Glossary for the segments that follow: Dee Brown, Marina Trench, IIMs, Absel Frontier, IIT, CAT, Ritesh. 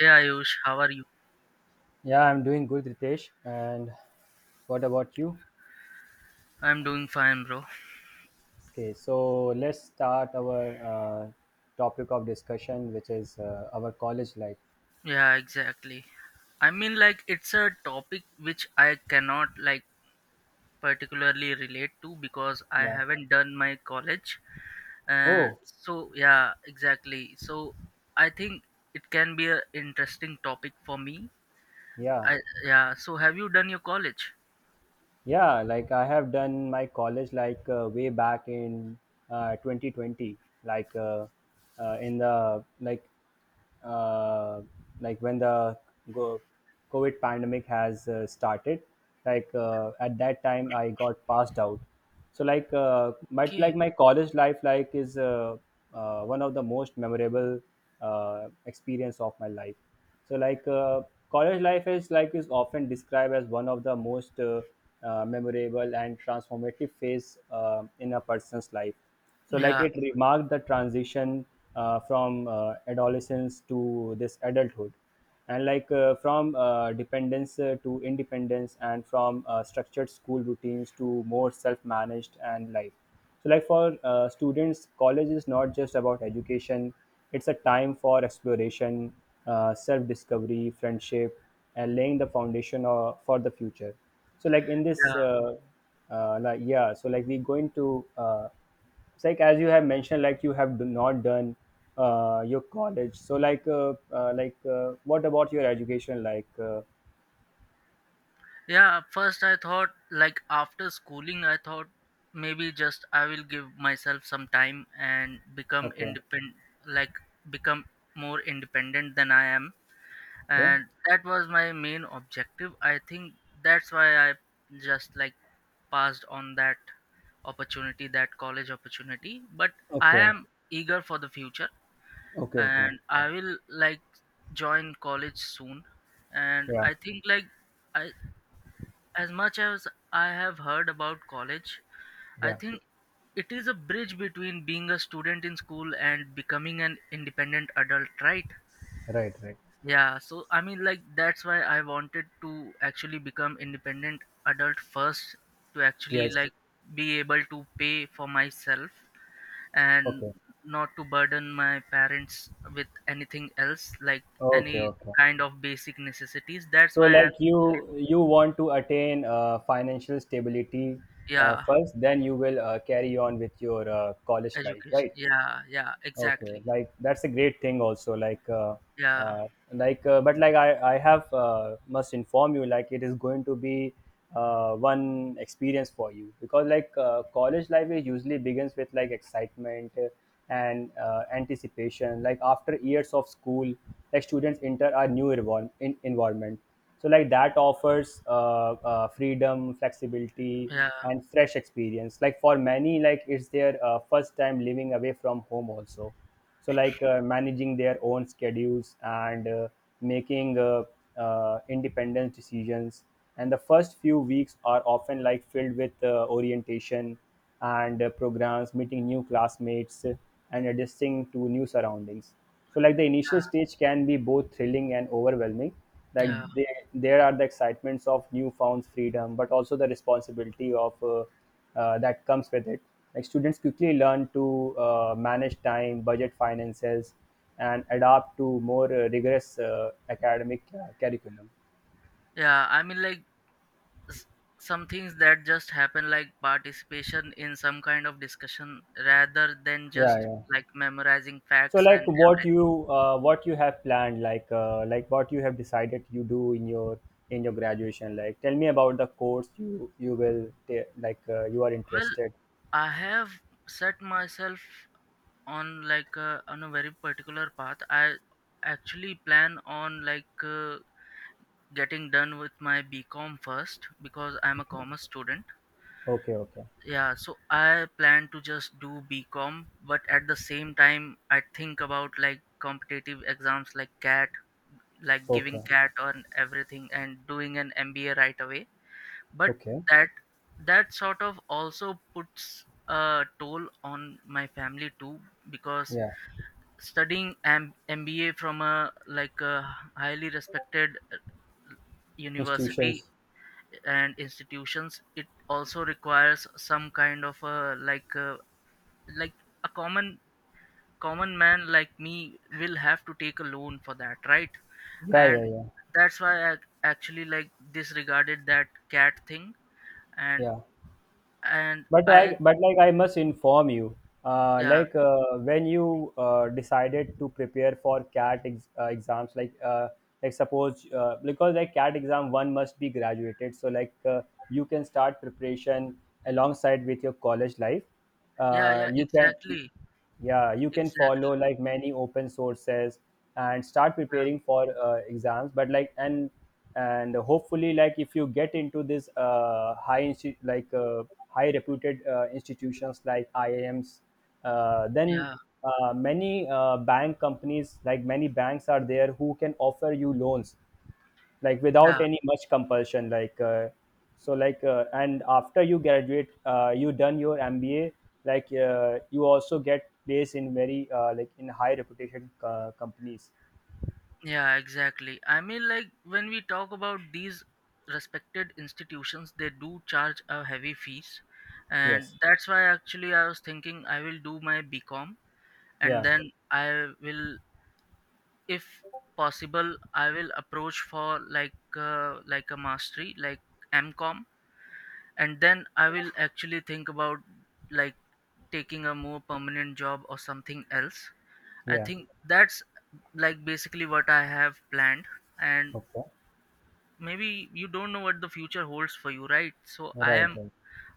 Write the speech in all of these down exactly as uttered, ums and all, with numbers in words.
Yeah, Ayush, how are you? Yeah, I'm doing good, Ritesh. And what about you? I'm doing fine, bro. Okay, so let's start our uh, topic of discussion, which is uh, our college life. Yeah, exactly. I mean, like, it's a topic which I cannot, like, particularly relate to because I Yeah. haven't done my college. And Oh, so, yeah, exactly. So, I think it can be a interesting topic for me. yeah. I, yeah, so have you done your college? Yeah, like I have done my college like uh, way back in uh, twenty twenty, like uh, uh, in the like uh, like when the go- COVID pandemic has uh, started. Like uh, at that time, I got passed out. So like, uh, but Okay. like my college life like is uh, uh, one of the most memorable uh, experience of my life. So, like uh, college life is like is often described as one of the most uh, uh, memorable and transformative phase uh, in a person's life. So, like Yeah, it remarked the transition uh, from uh, adolescence to this adulthood, and like uh, from uh, dependence uh, to independence, and from uh, structured school routines to more self-managed and life. So, like for uh, students, college is not just about education, it's a time for exploration, uh, self discovery, friendship, and laying the foundation uh, for the future. So, like in this, yeah. uh, uh, like, yeah, so like we going to, uh, it's like as you have mentioned, like you have do not done uh, your college. So, like, uh, uh, like uh, what about your education? Like, uh, Yeah, at first I thought like after schooling I thought maybe just I will give myself some time and become Okay, independent like become more independent than I am okay, and that was my main objective. I think that's why I just like passed on that opportunity that college opportunity but I okay, am eager for the future okay, okay, and I will like join college soon and yeah, I think like I as much as I have heard about college, I yeah, think it is a bridge between being a student in school and becoming an independent adult, right? right, right, Yeah, so I mean, like, that's why I wanted to actually become independent adult first to actually, yes, like, be able to pay for myself and okay. not to burden my parents with anything else, like Okay, any okay. kind of basic necessities. That's So why I, like actually- you you want to attain uh, financial stability uh, yeah, first, then you will uh, carry on with your uh, college life, education. right? Yeah, yeah, Okay, exactly. like that's a great thing also. Like, uh, Yeah, uh, like, uh, But like I, I have uh, must inform you. Like, it is going to be uh, one experience for you because like uh, college life is usually begins with like excitement and uh, anticipation. Like after years of school, like students enter a new environment, in environment so like that offers uh, uh, freedom flexibility yeah, and fresh experience like for many like it's their uh, first time living away from home also, so like uh, managing their own schedules and uh, making uh, uh, independent decisions, and the first few weeks are often like filled with uh, orientation and uh, programs meeting new classmates and adjusting to new surroundings. So like the initial stage can be both thrilling and overwhelming, like yeah, they, there are the excitements of newfound freedom but also the responsibility of uh, uh, that comes with it. Like students quickly learn to uh, manage time budget finances and adapt to more uh, rigorous uh, academic uh, curriculum. yeah. I mean, like s- some things that just happen, like participation in some kind of discussion, rather than Yeah, just yeah, like memorizing so facts and like what everything. you uh, what you have planned like uh, like what you have decided you do in your in your graduation, like tell me about the course you you will ta- like uh, you are Well, interested. I have set myself on like uh, on a very particular path. I actually plan on like uh, getting done with my BCom first because I'm a commerce student. Okay, okay, Yeah, so I plan to just do BCom, but at the same time, I think about like competitive exams like CAT, like giving okay, CAT on everything and doing an M B A right away. But okay, that that sort of also puts a toll on my family too because yeah, studying M- MBA from a like a highly respected university institutions, and institutions, it also requires some kind of a like a like a common common man like me will have to take a loan for that, right? yeah, And yeah, yeah, that's why I actually like disregarded that CAT thing and yeah, and but I I but like I must inform you uh, yeah, like uh, when you uh, decided to prepare for cat ex- uh, exams like uh, like suppose uh, because like cat exam one must be graduated, so like uh, you can start preparation alongside with your college life, yeah, uh, yeah, you can, exactly, yeah you can follow exactly, like many open sources and start yeah, preparing for uh, exams but like and and hopefully like if you get into this uh, high insti- like uh, high reputed uh, institutions like iims, uh, then yeah, uh, many uh, bank companies like many banks are there who can offer you loans like without yeah, any much compulsion like uh, so like uh, and after you graduate uh, you done your mba, like uh, you also get placed in very uh, like in high reputation uh, companies. yeah, exactly. I mean, like when we talk about these respected institutions, they do charge a heavy fees, and Yes, that's why actually I was thinking I will do my BCom, and yeah, then I will, if possible, I will approach for like uh, like a mastery like MCom, and then I will actually think about like taking a more permanent job or something else. I yeah, think that's like basically what I have planned, and okay, maybe you don't know what the future holds for you, right? So I right, am, right,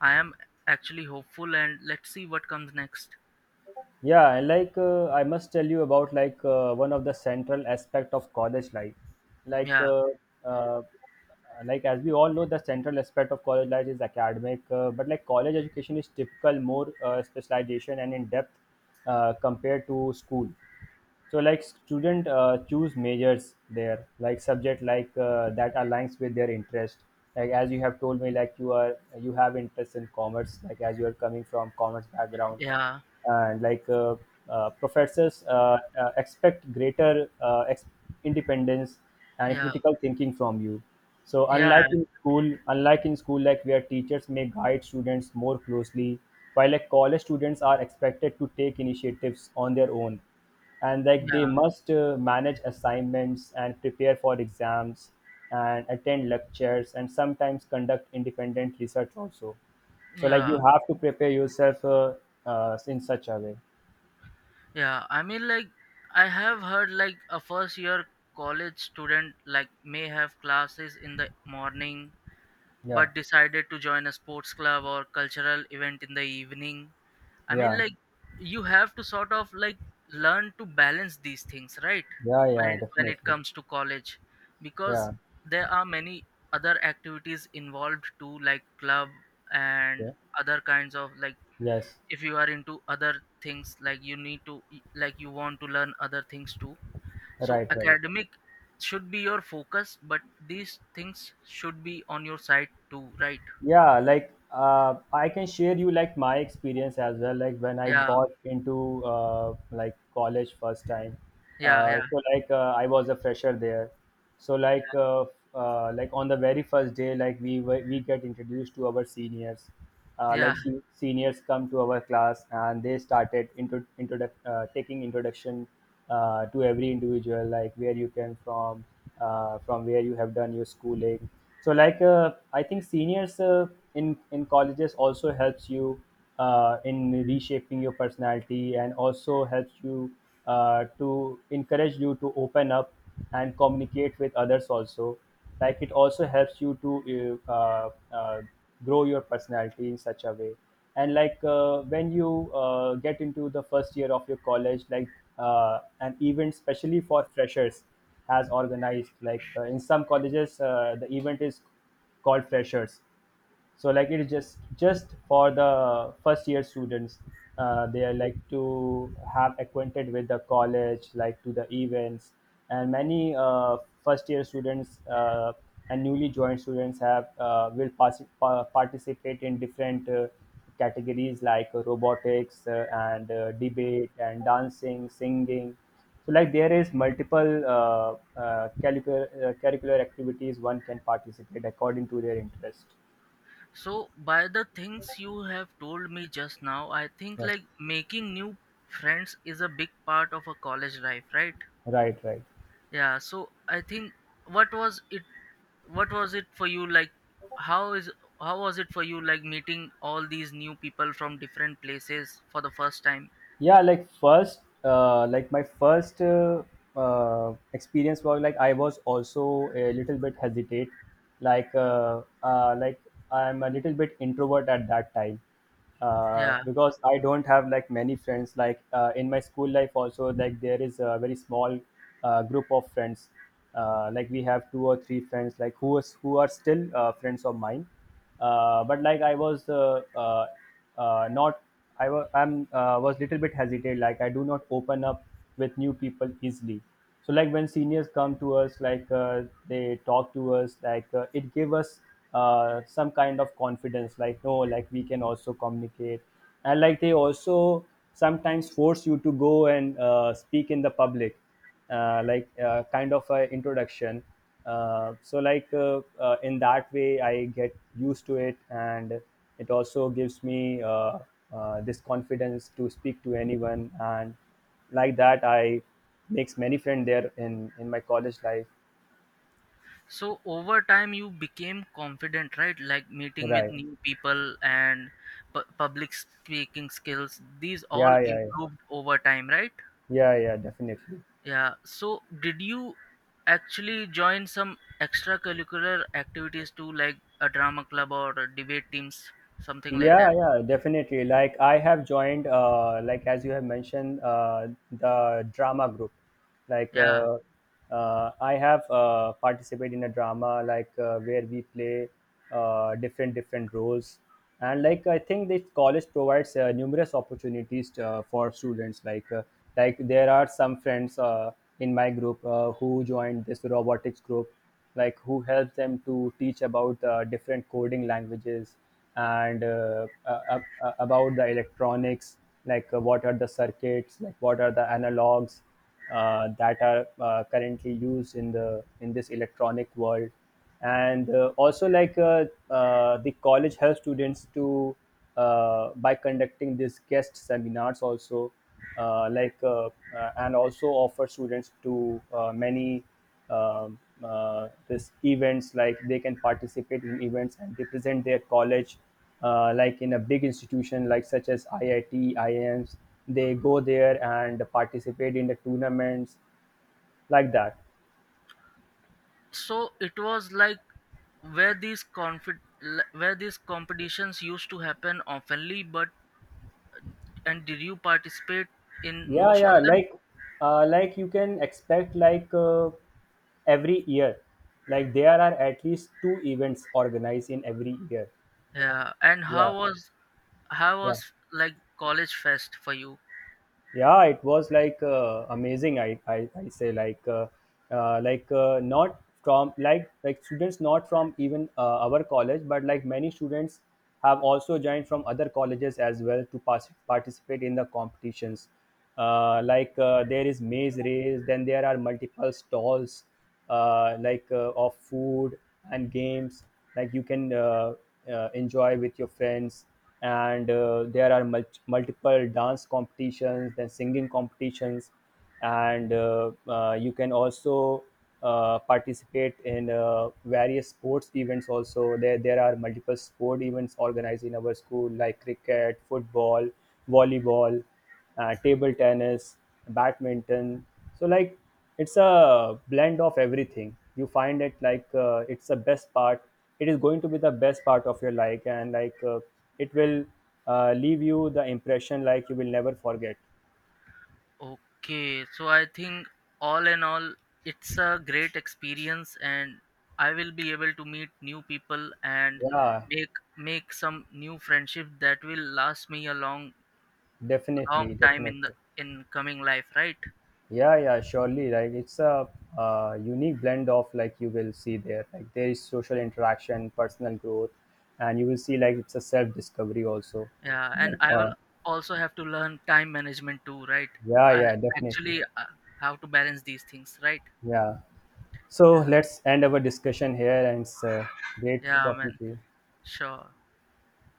I am actually hopeful, and let's see what comes next. yeah. And like uh, I must tell you about like uh, one of the central aspect of college life, like Yeah, uh, uh, like as we all know the central aspect of college life is academic, uh, but like college education is typical more uh, specialization and in depth uh, compared to school. So like student uh, choose majors there like subject like uh, that aligns with their interest, like as you have told me like you are you have interest in commerce, like as you are coming from commerce background. yeah, And like uh, uh, professors uh, uh, expect greater uh, ex- independence and yeah, critical thinking from you. So unlike yeah, in school, unlike in school like where teachers may guide students more closely, while like college students are expected to take initiatives on their own, and like yeah, they must uh, manage assignments and prepare for exams and attend lectures and sometimes conduct independent research also. So like you yeah. have to prepare yourself uh, uh, in such a way. Yeah, I mean, like, I have heard like a first year college student like may have classes in the morning Yeah, but decided to join a sports club or cultural event in the evening. I mean, yeah, like, you have to sort of like learn to balance these things, right? yeah, When yeah, it, when it definitely, comes to college, because yeah, there are many other activities involved too, like club and yeah, other kinds of like, yes, if you are into other things like you need to, like you want to learn other things too, so right, right. academic should be your focus but these things should be on your side too, right? Yeah, like uh, I can share you like my experience as well, like when I Yeah, got into uh, like college first time, yeah, uh, yeah. so like uh, I was a fresher there. So like uh, uh, like on the very first day like we were- we get introduced to our seniors, uh, Yeah, like se- seniors come to our class and they started intro, introdu- uh, taking introduction uh, to every individual like where you came from, uh, from where you have done your schooling. So like uh, I think seniors uh, in in colleges also helps you uh, in reshaping your personality and also helps you uh, to encourage you to open up and communicate with others also. Like it also helps you to uh, uh, uh, grow your personality in such a way. And like uh, when you uh, get into the first year of your college, like uh, an event specially for freshers has organized, like uh, in some colleges uh, the event is called freshers. So like it is just just for the first year students, uh, they are like to have acquainted with the college like to the events. And many uh, first year students uh, and newly joined students have uh, will pass, pa- participate in different uh, categories like robotics uh, and uh, debate and dancing singing. So like there is multiple uh, uh, curricular, uh, curricular activities one can participate according to their interest. so by the things you have told me just now, I think Yeah. like making new friends is a big part of a college life, right? Right, right. Yeah, so I think what was it what was it for you, like how is, how was it for you, like meeting all these new people from different places for the first time? Yeah, like first, uh, like my first uh, uh, experience was like I was also a little bit hesitate, like uh, uh, like I'm a little bit introvert at that time, uh, Yeah, because I don't have like many friends. Like uh, in my school life, also like there is a very small uh, group of friends. Uh, like we have two or three friends, like who is who are still uh, friends of mine. Uh, but like I was uh, uh, uh, not, I was I'm uh, was little bit hesitant. Like I do not open up with new people easily. So like when seniors come to us, like uh, they talk to us, like uh, it gave us uh, some kind of confidence. Like no, like we can also communicate, and like they also sometimes force you to go and uh, speak in the public, uh, like uh, kind of a introduction, uh, so like uh, uh, in that way I get used to it, and it also gives me uh, uh, this confidence to speak to anyone, and like that I makes many friends there in in my college life. so over time you became confident, right? Like meeting with Right, new people and pu- public speaking skills, these all yeah, yeah, yeah, improved over time, right? yeah, yeah, definitely. Yeah, so did you actually join some extracurricular activities too, like a drama club or a debate teams, something like Yeah, that? yeah, definitely. Like I have joined, uh, like as you have mentioned, uh, the drama group. Like Yeah, uh, uh, I have uh, participated in a drama, like uh, where we play uh, different different roles, and like I think this college provides uh, numerous opportunities uh, for students. Like uh, like there are some friends uh, in my group uh, who joined this robotics group, like who helps them to teach about uh, different coding languages, and uh, uh, uh, uh, about the electronics, like uh, what are the circuits, like what are the analogs uh, that are uh, currently used in the in this electronic world. And uh, also like uh, uh, the college helps students to uh, by conducting these guest seminars also, uh, like uh, uh, and also offer students to uh, many um, uh, this events like they can participate in events and represent their college, uh, like in a big institution like such as I I T, I I Ms. They go there and participate in the tournaments like that. so it was like where these confi- l- where these competitions used to happen oftenly but, and did you participate in Yeah, most yeah, of them? like uh, like you can expect like uh, every year, like there are at least two events organized in every year. Yeah, and Yeah, how was how yeah. was like college fest for you? Yeah, it was like uh, amazing. i i, I say like uh, uh, like uh, not from like like students, not from even uh, our college, but like many students have also joined from other colleges as well to pass, participate in the competitions, uh, like uh, there is maze race, then there are multiple stalls uh, like uh, of food and games. Like you can uh, uh, enjoy with your friends, and uh, there are mul- multiple dance competitions, then singing competitions, and uh, uh, you can also uh, participate in uh, various sports events also. there there are multiple sport events organized in our school like cricket, football, volleyball, uh, table tennis, badminton. So like it's a blend of everything. You find it like uh, it's the best part. It is going to be the best part of your life, and like uh, it will uh, leave you the impression like you will never forget. Okay, so I think all in all it's a great experience and I will be able to meet new people and Yeah, make make some new friendship that will last me a long long definitely, time in the definitely. in coming life, right? Yeah, yeah, surely. Like it's a uh, unique blend of like you will see there. Like there is social interaction, personal growth, and you will see like it's a self discovery also. Yeah, and Like I will uh, also have to learn time management too, right? Yeah, I yeah, definitely. actually uh, how to balance these things, right? Yeah. So Yeah, let's end our discussion here, and it's uh, great yeah, talking man. to you. Sure.